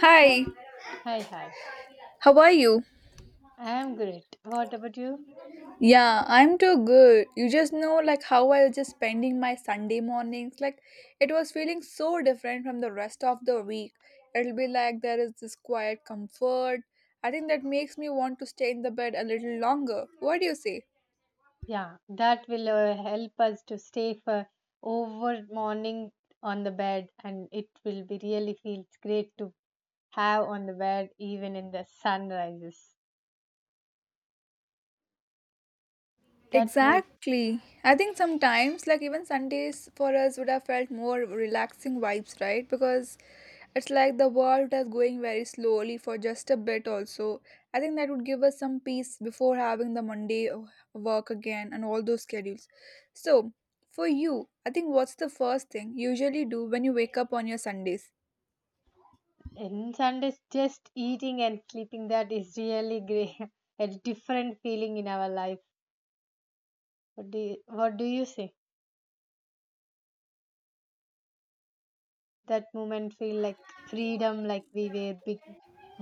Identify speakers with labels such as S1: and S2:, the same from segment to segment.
S1: Hi,
S2: Hi, hi, hi.
S1: how are you?
S2: I am great. What about you?
S1: Yeah, I'm too good. You just know like how I was just spending my Sunday mornings. Like it was feeling so different from the rest of the week. It'll be like there is this quiet comfort. I think that makes me want to stay in the bed a little longer. What do you say?
S2: Yeah, that will help us to stay for over morning on the bed, and it will be really feels great to have on the bed even in the sunrises. That mood
S1: Exactly. I think sometimes, like even Sundays for us would have felt more relaxing vibes, right? Because it's like the world is going very slowly for just a bit, also. I think that would give us some peace before having the Monday work again and all those schedules. So, for you, I think what's the first thing you usually do when you wake up on your Sundays?
S2: in Sundays, just eating and sleeping, that is really great. A different feeling in our life. What do you say? That moment feel like freedom, like we were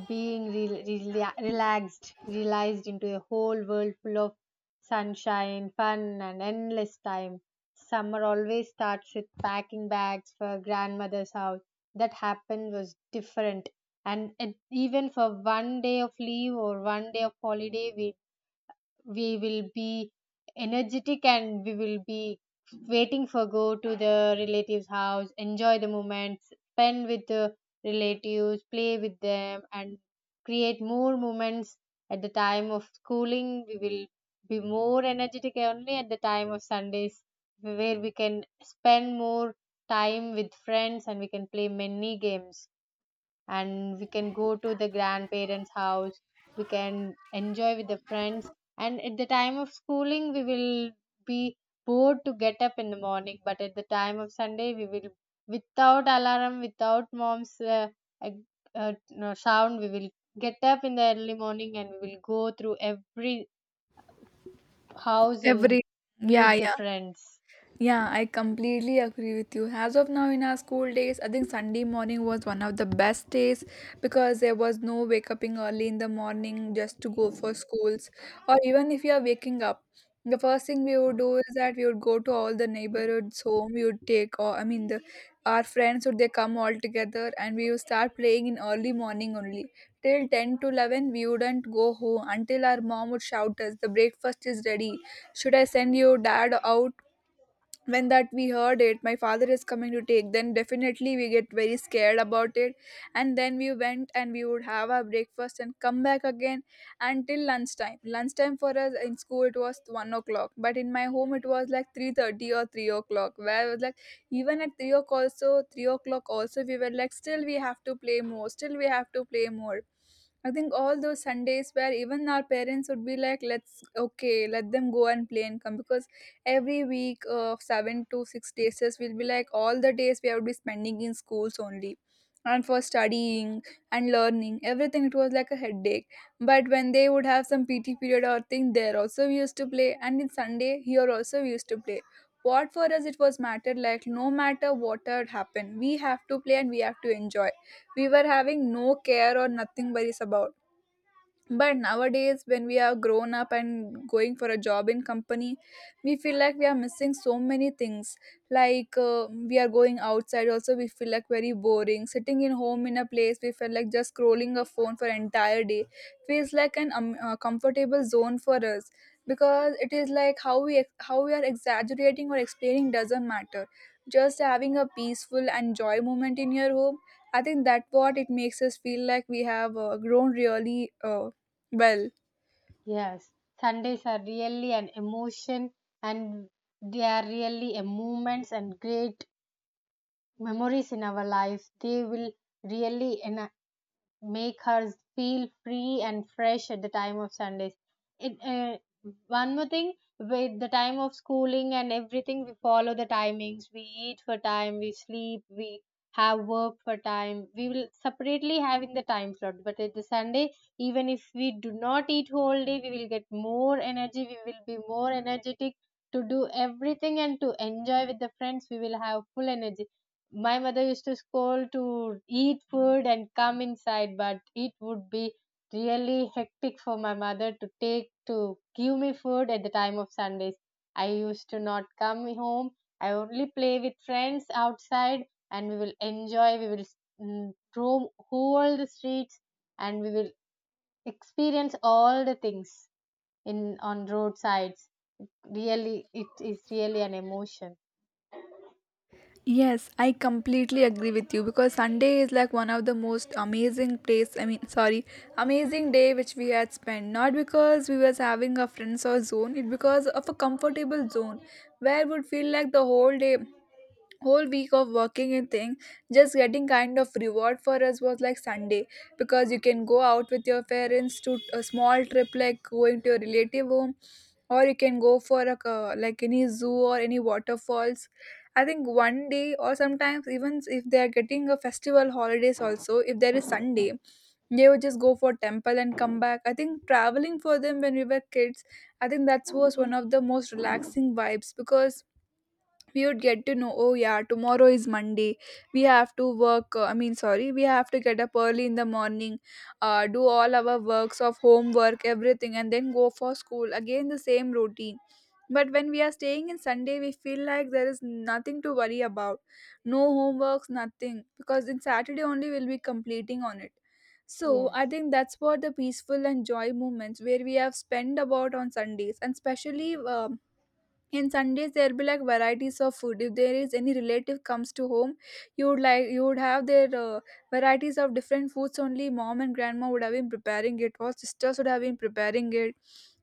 S2: being relaxed realized into a whole world full of sunshine fun and endless time. Summer always starts with packing bags for grandmother's house. That happened was different, and it, even for one day of leave or one day of holiday, we will be energetic, and we will be waiting for go to the relatives house, enjoy the moments, spend with the relatives, play with them, and create more moments. At the time of schooling, we will be more energetic only at the time of sundays, where we can spend more time with friends, and we can play many games, and we can go to the grandparents house, we can enjoy with the friends. And at the time of schooling, we will be bored to get up in the morning, but at the time of sunday, we will without alarm, without mom's ag- no, sound, we will get up in the early morning, and we will go through every house and
S1: Every. Yeah,
S2: meet the
S1: yeah.
S2: friends.
S1: Yeah, I completely agree with you. As of now, in our school days, I think Sunday morning was one of the best days because there was no wake up in early in the morning just to go for schools. Or even if you are waking up, the first thing we would do is that we would go to all the neighborhoods home. We would take, or I mean, the our friends would they come all together, and we would start playing in early morning only till 10 to 11. We wouldn't go home until our mom would shout us the breakfast is ready. Should I send your dad out? When that we heard it my father is coming to take, then definitely we get very scared about it. And then we went and we would have our breakfast and come back again until Lunchtime for us in school it was 1 o'clock, but in my home it was like 3:30 or 3 o'clock, where it was like even at 3 o'clock also 3 o'clock also we were like still we have to play more still we have to play more. I think all those Sundays where even our parents would be like, let's okay, let them go and play and come, because every week of 7 to 6 days will be like all the days we would be spending in schools only and for studying, and learning everything it was like a headache. But when they would have some pt period or thing, there also we used to play, and in sunday here also we used to play. What for us it was matter like no matter what had happened, we have to play and we have to enjoy. We were having no care or nothing worries about. But nowadays when we are grown up and going for a job in company, we feel like we are missing so many things. Like we are going outside also we feel like very boring sitting in home in a place. We feel like just scrolling a phone for entire day feels like an comfortable zone for us, because it is like how we are exaggerating or explaining doesn't matter. Just having a peaceful and joy moment in your home, I think that what it makes us feel like we have grown really well.
S2: Yes, sundays are really an emotion, and they are really a moments and great memories in our lives. They will really ena make her feel free and fresh at the time of Sundays. It, uh, One more thing, with the time of schooling and everything, we follow the timings. We eat for time, we sleep, we have work for time. We will separately having the time slot. But at the Sunday, even if we do not eat whole day, we will get more energy. We will be more energetic to do everything and to enjoy with the friends. We will have full energy. My mother used to scold to eat food and come inside, but it would be really hectic for my mother to take to give me food at the time of sundays. I used to not come home, I only play with friends outside, and we will enjoy, we will roam whole the streets, and we will experience all the things in on roadsides. Really, it is really an emotion.
S1: Yes, I completely agree with you because Sunday is like one of the most amazing place, I mean sorry, amazing day which we had spent. Not because we was having a friends or zone, it because of a comfortable zone where would feel like the whole day, whole week of working and thing, just getting kind of reward for us was like sunday. Because you can go out with your parents to a small trip like going to your relative home, or you can go for a like any zoo or any waterfalls. I think one day or sometimes even if they are getting a festival holidays also, if there is sunday they would just go for temple and come back. I think traveling for them when we were kids, I think that was one of the most relaxing vibes, because we would get to know oh yeah tomorrow is monday, we have to work, I mean sorry, we have to get up early in the morning, do all our works of homework everything and then go for school again the same routine. But when we are staying in sunday, we feel like there is nothing to worry about, no homeworks nothing, because in saturday only we'll be completing on it. So I
S2: Yes.
S1: think that's what the peaceful and joy moments where we have spent about on Sundays, and especially in sundays there'll be like varieties of food. If there is any relative comes to home, you would like you would have their varieties of different foods, only mom and grandma would have been preparing it or sisters would have been preparing it.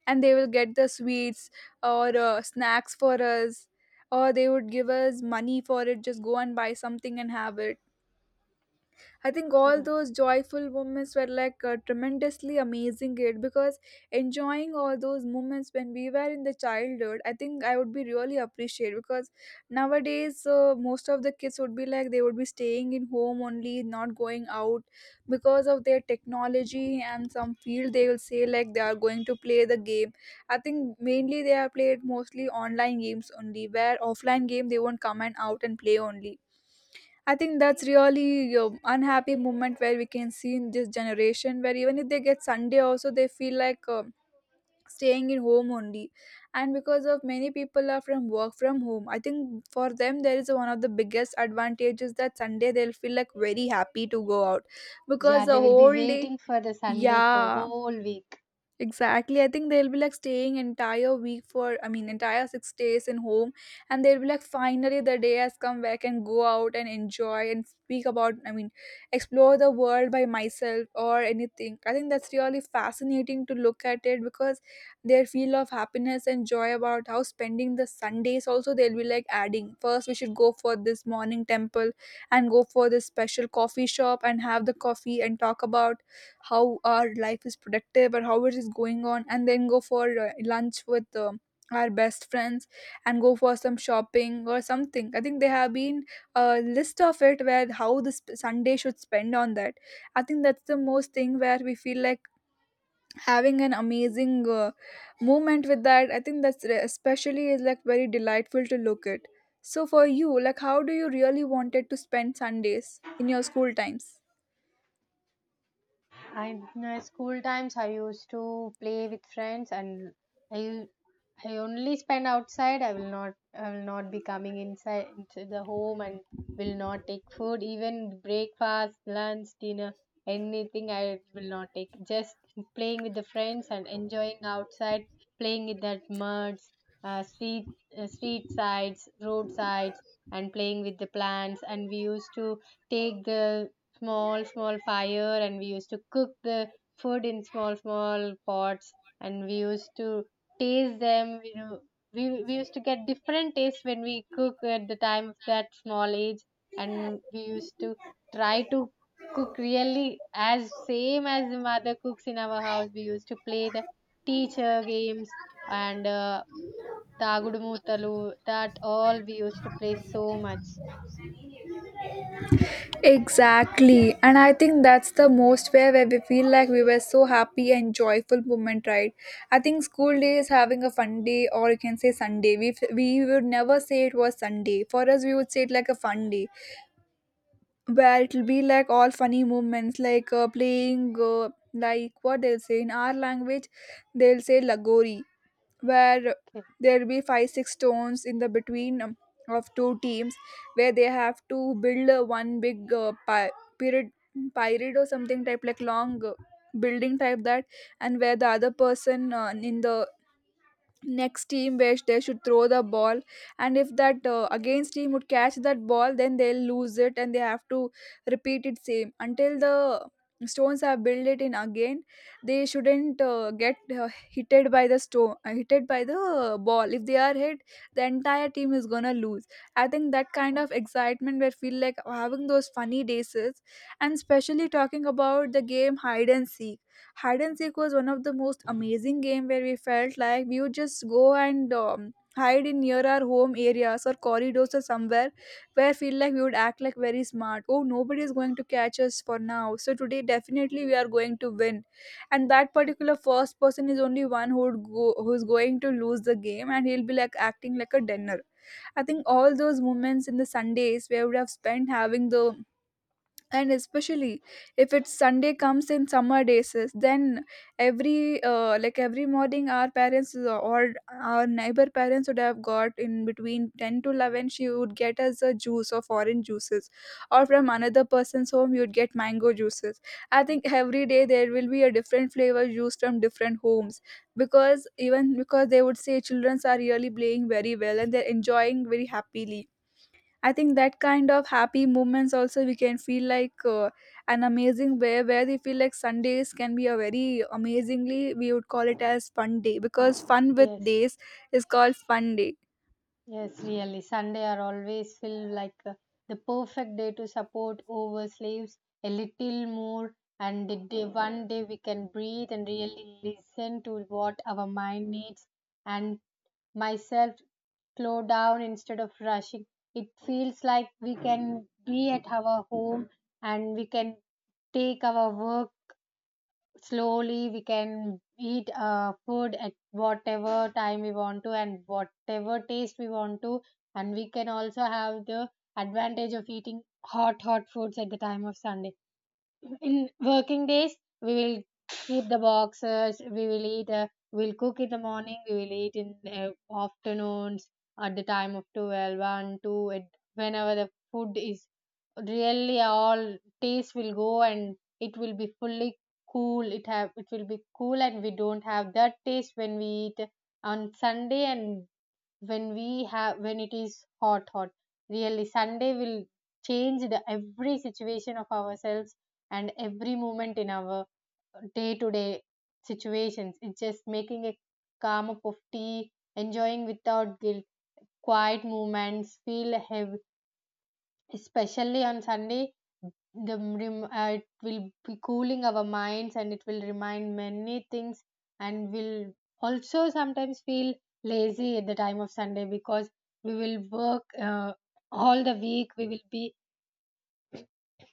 S1: And they will get the sweets or snacks for us, or they would give us money for it, just go and buy something and have it. I think all
S2: Yeah.
S1: those joyful moments were like tremendously amazing it, because enjoying all those moments when we were in the childhood, I think I would be really appreciate. Because nowadays most of the kids would be like they would be staying in home only, not going out because of their technology, and some field they will say like they are going to play the game. I think mainly they are played mostly online games only, where offline game they won't come and out and play only. I think that's really unhappy moment where we can see in this generation, where even if they get Sunday also they feel like staying in home only. And because of many people are from work from home, I think for them there is one of the biggest advantages that Sunday they'll feel like very happy to go out because
S2: Yeah,
S1: the
S2: they will be
S1: whole day.
S2: waiting for the Sunday for
S1: Yeah,
S2: whole week.
S1: exactly. I think they'll be like staying entire week for, I mean entire 6 days in home, and they'll be like finally the day has come where I can go out and enjoy and speak about, I mean explore the world by myself or anything. I think that's really fascinating to look at it, because their feel of happiness and joy about how spending the Sundays also, they'll be like adding first we should go for this morning temple and go for this special coffee shop and have the coffee and talk about how our life is productive or how it is going on, and then go for lunch with our best friends, and go for some shopping or something. I think there have been a list of it where how this sunday should spend on that. I think that's the most thing where we feel like having an amazing moment with that. I think that's especially is like very delightful to look at. So for you, like how do you really wanted to spend sundays in your school times?
S2: I My school times, I used to play with friends, and I I only spend outside. I will not be coming inside into the home, and will not take food, even breakfast, lunch, dinner, anything I will not take. Just playing with the friends and enjoying outside, playing with that muds, uh, street street sides, road sides, and playing with the plants. And we used to take the small small fire, and we used to cook the food in small small pots, and we used to taste them. We used to get different tastes when we cook at the time of that small age. And we used to try to cook really as same as the mother cooks in our house. We used to play the teacher games and dagudumutalu, that all we used to play so much.
S1: Exactly. And I think that's the most where we feel like we were so happy and joyful moment, right? I think school day is having a fun day or you can say Sunday. We would never say it was Sunday. For us, we would say it like a fun day, where it'll be like all funny moments like playing, like what they'll say in our language, they'll say lagori, where
S2: Okay.
S1: there'll be five six stones in the between of two teams, where they have to build one big pyramid or something type like long building type that. And where the other person in the next team which they should throw the ball, and if that against team would catch that ball, then they'll lose it and they have to repeat it same until the stones have built it in again. They shouldn't get hitted by the stone, hitted by the ball. If they are hit, the entire team is gonna lose. I think that kind of excitement where feel like having those funny days, and especially talking about the game hide and seek. Hide and seek was one of the most amazing game, where we felt like we would just go and hide in near our home areas or corridors or somewhere, where I feel like we would act like very smart, oh nobody is going to catch us for now, so today definitely we are going to win. And that particular first person is only one who would go, who's going to lose the game and he'll be like acting like a dinner. I think all those moments in the sundays where we would have spent having the, and especially if it's sunday comes in summer days is, then every morning our parents or our neighbor parents would have got in between 10 to 11, she would get us a juice of orange juices, or from another person's home you'd get mango juices. I think every day there will be a different flavor juice from different homes, because they would say children are really playing very well and they're enjoying very happily. I think that kind of happy moments also we can feel like an amazing way where they feel like Sundays can be a very amazingly, we would call it as fun day because fun with
S2: Yes.
S1: days is called fun day.
S2: Yes, really. Sunday are always feel like the perfect day to support over slaves a little more, and the day, one day we can breathe and really listen to what our mind needs, and myself slow down instead of rushing. It feels like we can be at our home, and we can take our work slowly, we can eat food at whatever time we want to and whatever taste we want to, and we can also have the advantage of eating hot hot foods at the time of sunday. In working days, we will keep the boxes, we will eat we'll cook in the morning, we will eat in afternoons, at the time of 12, 1, 2 it, whenever the food is, really all taste will go, and it will be fully cool, it will be cool, and we don't have that taste when we eat on sunday. And when we have, when it is hot hot, really sunday will change the every situation of ourselves and every moment in our day to day situations. It's just making a calm cup of tea, enjoying without guilt. Quiet moments feel heavy, especially on sunday. It will be cooling our minds, and it will remind many things, and will also sometimes feel lazy at the time of sunday because we will work all the week. We will be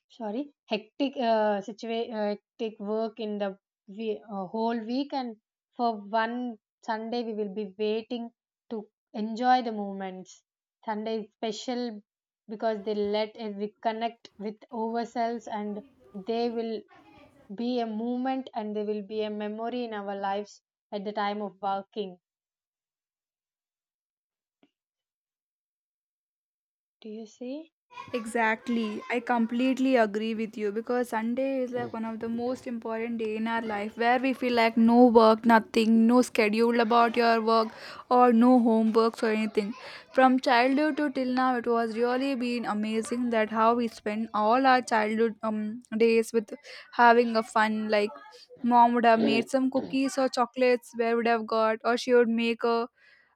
S2: Sorry, hectic work in the whole week, and for one Sunday we will be waiting to enjoy the moments. Sunday is special because they let us reconnect with ourselves, and they will be a moment, and they will be a memory in our lives at the time of working. Do you see?
S1: Exactly. I completely agree with you because Sunday is like one of the most important day in our life, where we feel like no work, nothing, no schedule about your work or no homeworks or anything. From childhood to till now it was really been amazing that how we spend all our childhood days with having a fun, like mom would have made some cookies or chocolates where would have got, or she would make a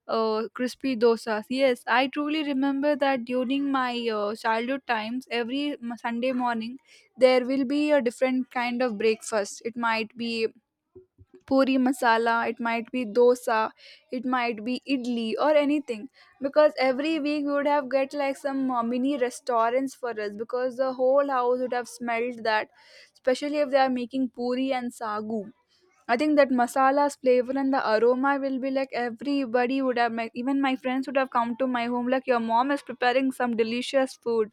S1: crispy dosas. Yes, I truly remember that during my childhood times, every Sunday morning, there will be a different kind of breakfast. It might be puri masala, it might be dosa, it might be idli or anything. Because every week we would have get like some mini restaurants for us, because the whole house would have smelled that, especially if they are making puri and sagu. I think that masala's flavor and the aroma will be like everybody would have, even my friends would have come to my home, like your mom is preparing some delicious food.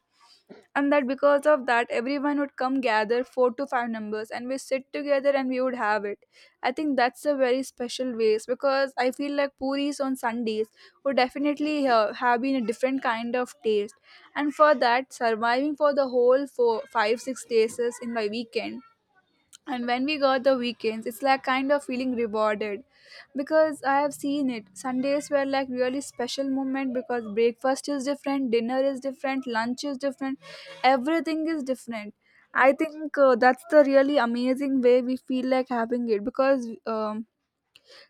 S1: And that because of that, everyone would come gather four to five numbers and we sit together and we would have it. I think that's a very special ways, because I feel like puris on Sundays would definitely have been a different kind of taste. And for that, surviving for the whole four, five, 6 days is in my weekend, and when we got the weekends it's like kind of feeling rewarded, because I have seen it Sundays were like really special moment, because breakfast is different, dinner is different, lunch is different, everything is different. I think that's the really amazing way we feel like having it, because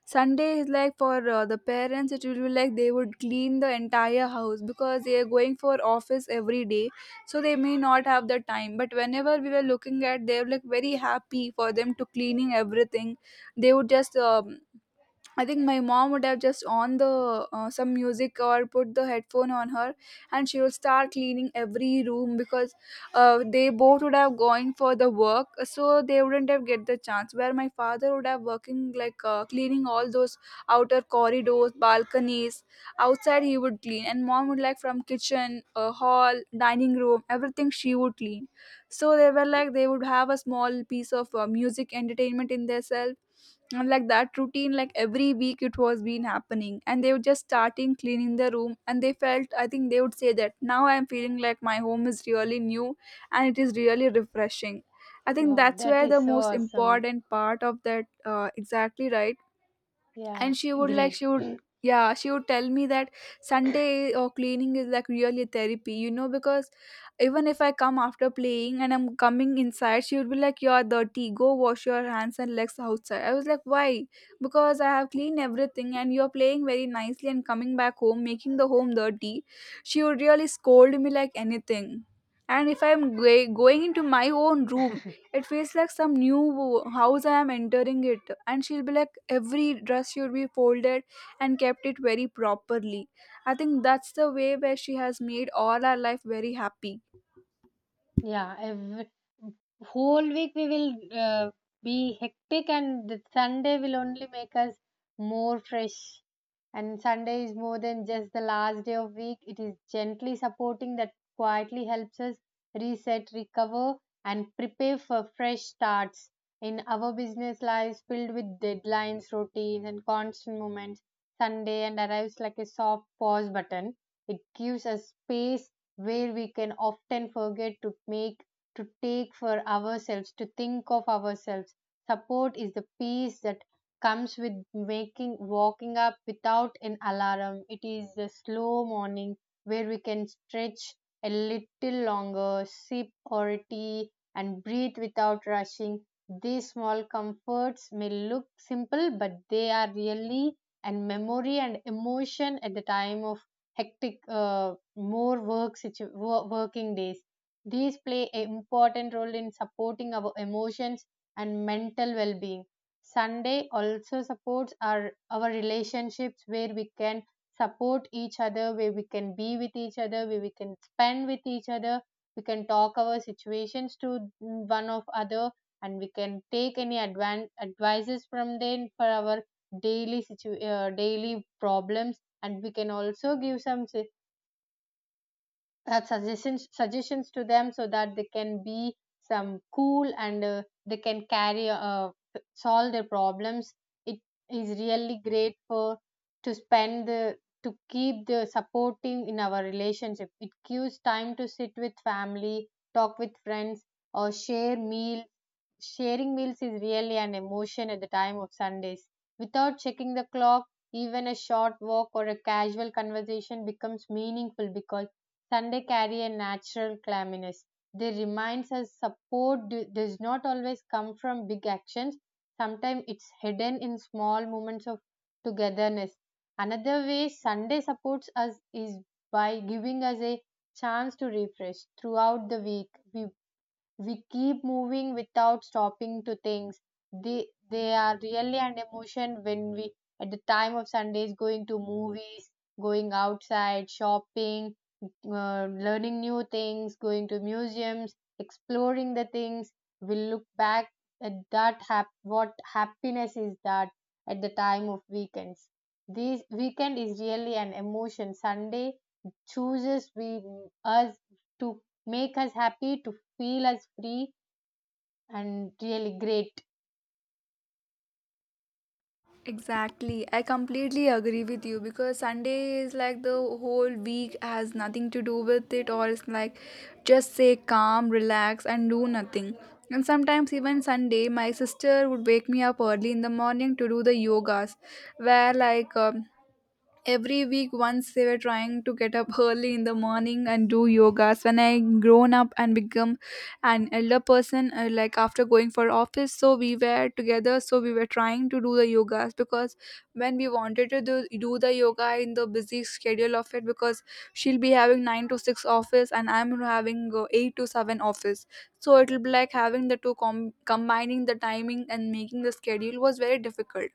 S1: Sunday is like for the parents, it will be like they would clean the entire house because they are going for office every day. So they may not have the time. But whenever we were looking at, they were like very happy for them to cleaning everything. They would just I think my mom would have just on the some music or put the headphone on her, and she would start cleaning every room, because they both would have going for the work, so they wouldn't have get the chance. Where my father would have working like cleaning all those outer corridors, balconies, outside he would clean, and mom would like from kitchen, hall, dining room, everything she would clean. So they were like they would have a small piece of music entertainment in theirself, and like that routine like every week it was been happening, and they were just starting cleaning the room, and they felt, I think they would say that now I am feeling like my home is really new and it is really refreshing. I think
S2: Wow,
S1: that's
S2: that
S1: where
S2: is
S1: the
S2: so
S1: most
S2: awesome.
S1: important part of that, exactly right.
S2: Yeah,
S1: And she would, like
S2: great.
S1: she would, yeah, she would tell me that Sunday or cleaning is like really therapy, because even if I come after playing and I'm coming inside, she would be like, you're dirty, go wash your hands and legs outside. I was like why? Because I have cleaned everything and you're playing very nicely and coming back home making the home dirty. She would really scold me like anything, and if I'm going into my own room it feels like some new house I am entering it, and she'll be like every dress should be folded and kept it very properly. I think that's the way where she has made all our life very happy.
S2: Yeah, whole week we will be hectic, and the Sunday will only make us more fresh. And Sunday is more than just the last day of week. It is gently supporting that quietly helps us reset, recover, and prepare for fresh starts in our business lives filled with deadlines, routines, and constant moments. Sunday and arrives like a soft pause button. It gives us space where we can often forget to take for ourselves, to think of ourselves. Support is the peace that comes with making walking up without an alarm. It is the slow morning where we can stretch a little longer, sip or tea, and breathe without rushing. These small comforts may look simple, but they are really and memory and emotion at the time of hectic, more work working days. These play an important role in supporting our emotions and mental well-being. Sunday also supports our relationships, where we can support each other, where we can be with each other, where we can spend with each other, we can talk our situations to one of other, and we can take any advices from them for our daily daily problems, and we can also give some suggestions to them, so that they can be some cool, and they can carry solve their problems. It is really great for to spend the, to keep the supporting in our relationship. It gives time to sit with family, talk with friends, or share meal. Sharing meals is really an emotion at the time of sundays, without checking the clock. Even a short walk or a casual conversation becomes meaningful because Sunday carry a natural clamminess. They reminds us support does not always come from big actions. Sometimes it's hidden in small moments of togetherness. Another way Sunday supports us is by giving us a chance to refresh throughout the week. We keep moving without stopping to things. They are really an emotion, when we at the time of sundays going to movies, going outside shopping, learning new things, going to museums, exploring the things, we look back at that what happiness is, that at the time of weekends. This weekend is really an emotion. Sunday chooses we us to make us happy, to feel as free and really great.
S1: Exactly, I completely agree with you because Sunday is like the whole week has nothing to do with it, or it's like just say calm, relax, and do nothing. And sometimes even Sunday my sister would wake me up early in the morning to do the yogas, where like every week once they were trying to get up early in the morning and do yogas when I grown up and become an elder person, like after going for office. So we were together, so we were trying to do the yogas, because when we wanted to do the yoga in the busy schedule of it, because she'll be having 9 to 6 office and I'm having 8 to 7 office. So it'll be like having the two combining the timing and making the schedule was very difficult.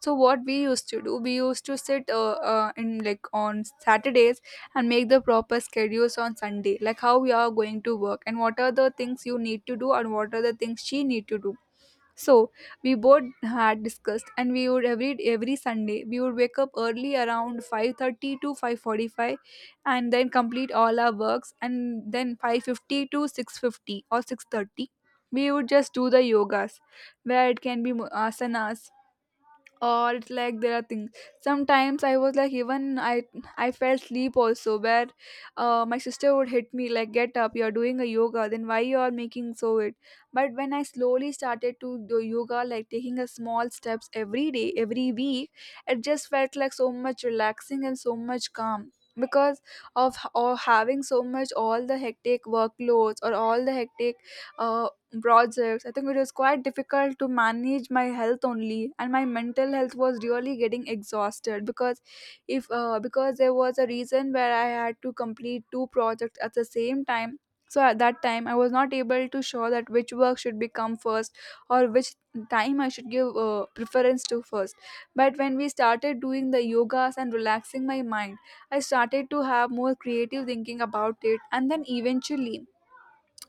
S1: So what we used to do we used to sit in like on Saturdays and make the proper schedules on Sunday, like how we are going to work and what are the things you need to do and what are the things she need to do. So we both had discussed, and we would, every Sunday we would wake up early around 5:30 to 5:45 and then complete all our works, and then 5:50 to 6:50 or 6:30 we would just do the yogas, where it can be asanas, or it's like there are things. Sometimes I was like even I fell asleep also, where my sister would hit me like, get up, you're doing a yoga, then why you are making so it. But when I slowly started to do yoga like taking a small steps every day every week, it just felt like so much relaxing and so much calm, because of h- or having so much all the hectic workloads or all the hectic uh, projects. I think it was quite difficult to manage my health only, and my mental health was really getting exhausted, because if because there was a reason where I had to complete two projects at the same time. So at that time I was not able to show that which work should become first, or which time I should give preference to first. But when we started doing the yogas and relaxing my mind, I started to have more creative thinking about it, and then eventually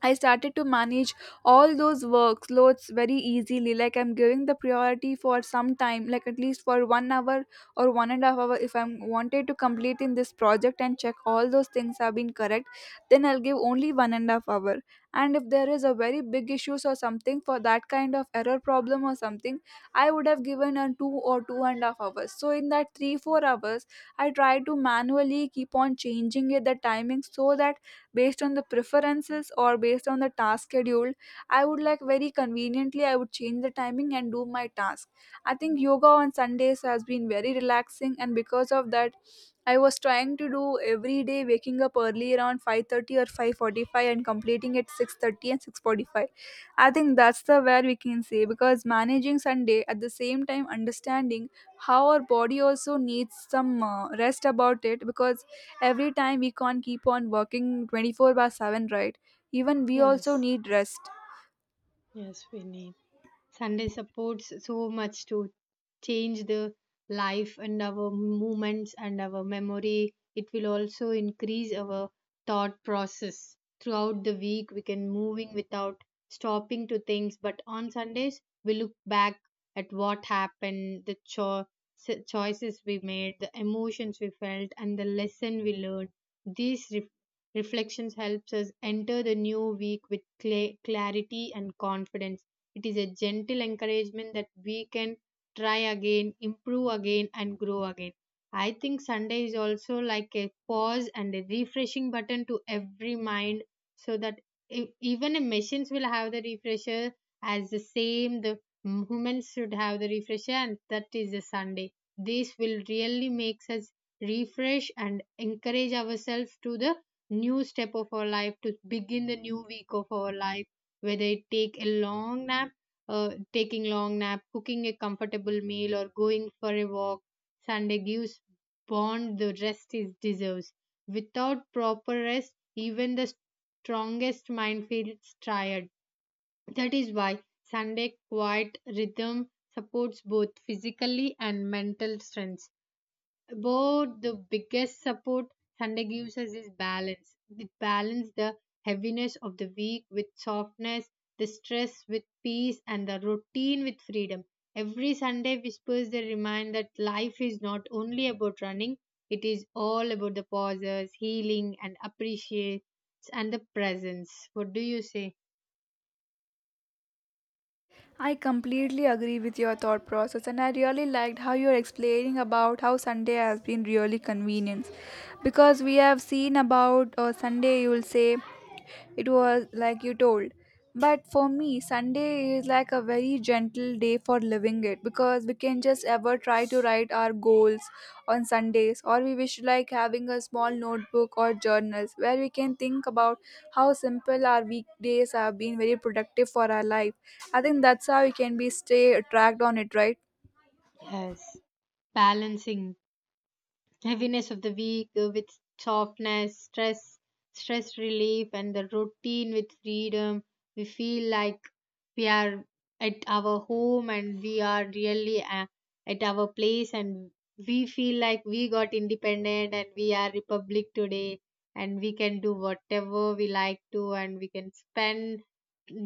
S1: I started to manage all those workloads very easily. Like I'm giving the priority for some time, like at least for 1 hour or 1.5 hour. If I'm wanted to complete in this project and check all those things have been correct, then I'll give only 1.5 hour. And if there is a very big issues or something for that kind of error problem or something, I would have given a 2 or 2.5 hours. So in that 3 4 hours, I try to manually keep on changing it the timing, so that based on the preferences or based on the task schedule, I would like very conveniently I would change the timing and do my task. I think yoga on Sundays has been very relaxing, and because of that I was trying to do every day waking up early around 5:30 or 5:45 and completing at 6:30 and 6:45. I think that's the where we can say, because managing Sunday at the same time understanding how our body also needs some rest about it, because every time we can't keep on working 24 by 7, right? Even we also
S2: Yes,
S1: need rest.
S2: yes, we need. Sunday supports so much to change the life and our movements and our memory. It will also increase our thought process. Throughout the week, we can moving without stopping to things. But on Sundays, we look back at what happened, the choices we made, the emotions we felt, and the lesson we learned. These reflections helps us enter the new week with clarity and confidence. It is a gentle encouragement that we can try again, improve again, and grow again. I think Sunday is also like a pause and a refreshing button to every mind, so that even a machines will have the refresher. As the same, the humans should have the refresher, and that is the Sunday. This will really makes us refresh and encourage ourselves to the new step of our life, to begin the new week of our life, whether it take a long nap taking long nap, cooking a comfortable meal, or going for a walk. Sunday gives bond the rest it deserves. Without proper rest, even the strongest mind feels tired. That is why sunday quiet rhythm supports both physically and mental strength. About the biggest support Sunday gives us is balance. It balances the heaviness of the week with softness, the stress with peace, and the routine with freedom. Every Sunday whispers the reminder that life is not only about running, it is all about the pauses, healing, and appreciates and the presence. What do you say?
S1: I completely agree with your thought process, and I really liked how you're explaining about how Sunday has been really convenient, because we have seen about Sunday you will say, it was like you told. But for me, Sunday is like a very gentle day for living it, because we can just ever try to write our goals on Sundays, or we wish like having a small notebook or journals where we can think about how simple our weekdays have been very productive for our life. I think that's how we can be stay tracked on it, right?
S2: Yes. Balancing. Heaviness of the week with softness, stress relief, and the routine with freedom. We feel like we are at our home, and we are really at our place, and we feel like we got independent and we are republic today, and we can do whatever we like to, and we can spend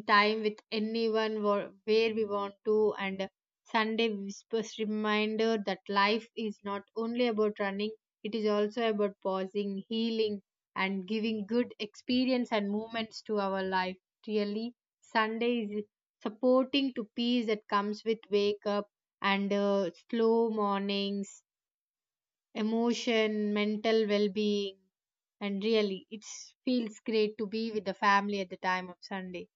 S2: time with anyone where we want to. And Sunday whispers reminder that life is not only about running, it is also about pausing, healing, and giving good experience and moments to our life. Really, Sunday is supporting to peace that comes with wake up and slow mornings, emotion, mental well being, and really, it feels great to be with the family at the time of Sunday,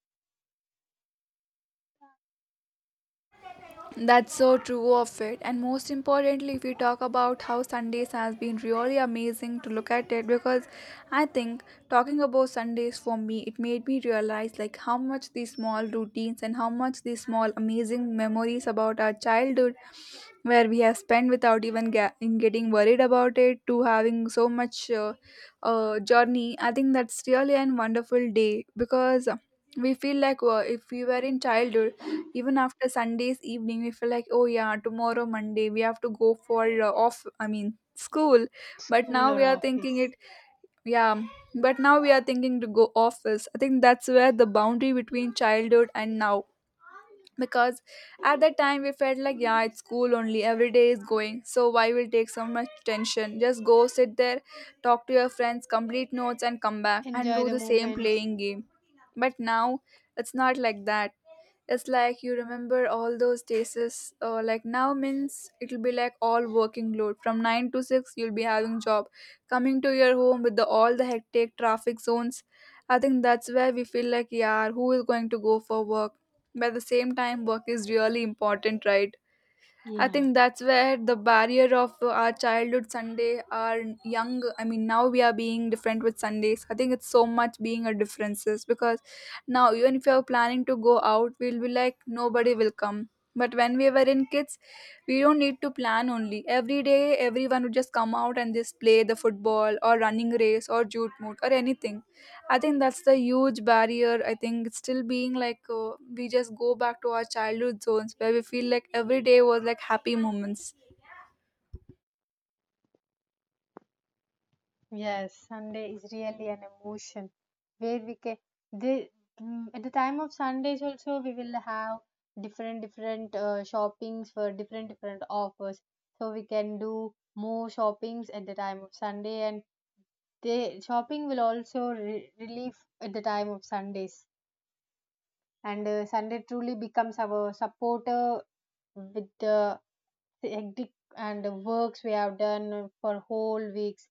S1: That's so true of it. And most importantly, if we talk about how Sundays has been really amazing to look at it, because I think talking about Sundays for me, it made me realize like how much these small routines and how much these small amazing memories about our childhood where we have spent without even in getting worried about it to having so much journey. I think that's really a wonderful day because we feel like if we were in childhood, even after Sundays evening, we feel like, oh yeah, tomorrow Monday we have to go for off. I mean school, but
S2: school
S1: now we
S2: or
S1: are thinking
S2: office.
S1: it. Yeah, but now we are thinking to go office. I think that's where the boundary between childhood and now, because at that time we felt like yeah it's cool only every day is going, so why will take so much tension, just go sit there, talk to your friends, complete notes and come back and
S2: Enjoy
S1: do
S2: the
S1: the same
S2: moments.
S1: playing game. But now it's not like that, it's like you remember all those days. Like now means it'll be like all working load from 9 to 6 you'll be having job coming to your home with the all the hectic traffic zones. I think that's where we feel like yeah who is going to go for work, by the same time, work is really important, right? I
S2: Yeah.
S1: think that's where the barrier of our childhood Sunday, our young, I mean, now we are being different with Sundays. I think it's so much being a differences, because now, even if you're planning to go out, we'll be like, nobody will come. But when we were in kids, we don't need to plan only. Every day, everyone would just come out and just play the football or running race or jute moot or anything. I think that's the huge barrier. I think it's still being like we just go back to our childhood zones where we feel like every day was like happy moments.
S2: Yes, Sunday is really an emotion, where we can the at the time of Sundays also we will have different different shoppings for different different offers. So we can do more shoppings at the time of Sunday, and the shopping will also re relieve at the time of Sundays. And Sunday truly becomes our supporter with the hectic and the works we have done for whole weeks.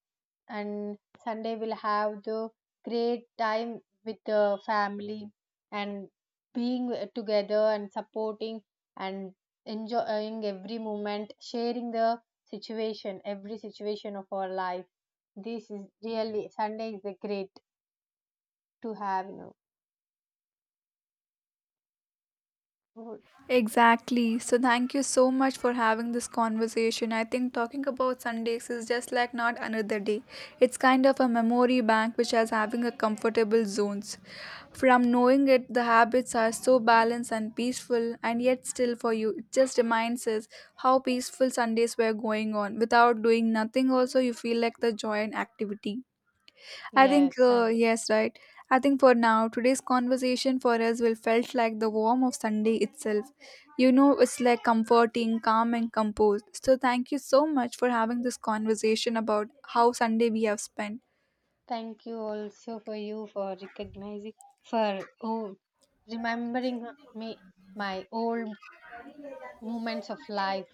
S2: And sunday we'll have the great time with the family, and being together, and supporting, and enjoying every moment, sharing the situation, every situation of our life. This is really, sunday is the great to have know
S1: Exactly. So, thank you so much for having this conversation. I think talking about Sundays is just like not another day. It's kind of a memory bank which has having a comfortable zones. From knowing it, the habits are so balanced and peaceful, and yet still for you, it just reminds us how peaceful Sundays were going on. Without doing nothing, also, you feel like the joy and activity. I
S2: yes,
S1: think,
S2: sunday.
S1: yes, right. I think for now, today's conversation for us will felt like the warmth of Sunday itself. You know, it's like comforting, calm, and composed. So thank you so much for having this conversation about how Sunday we have spent.
S2: Thank you also for you for recognizing, for oh remembering me, my old moments of life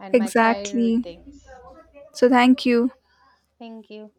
S2: and my childhood
S1: Exactly.
S2: things.
S1: So thank you.
S2: Thank you.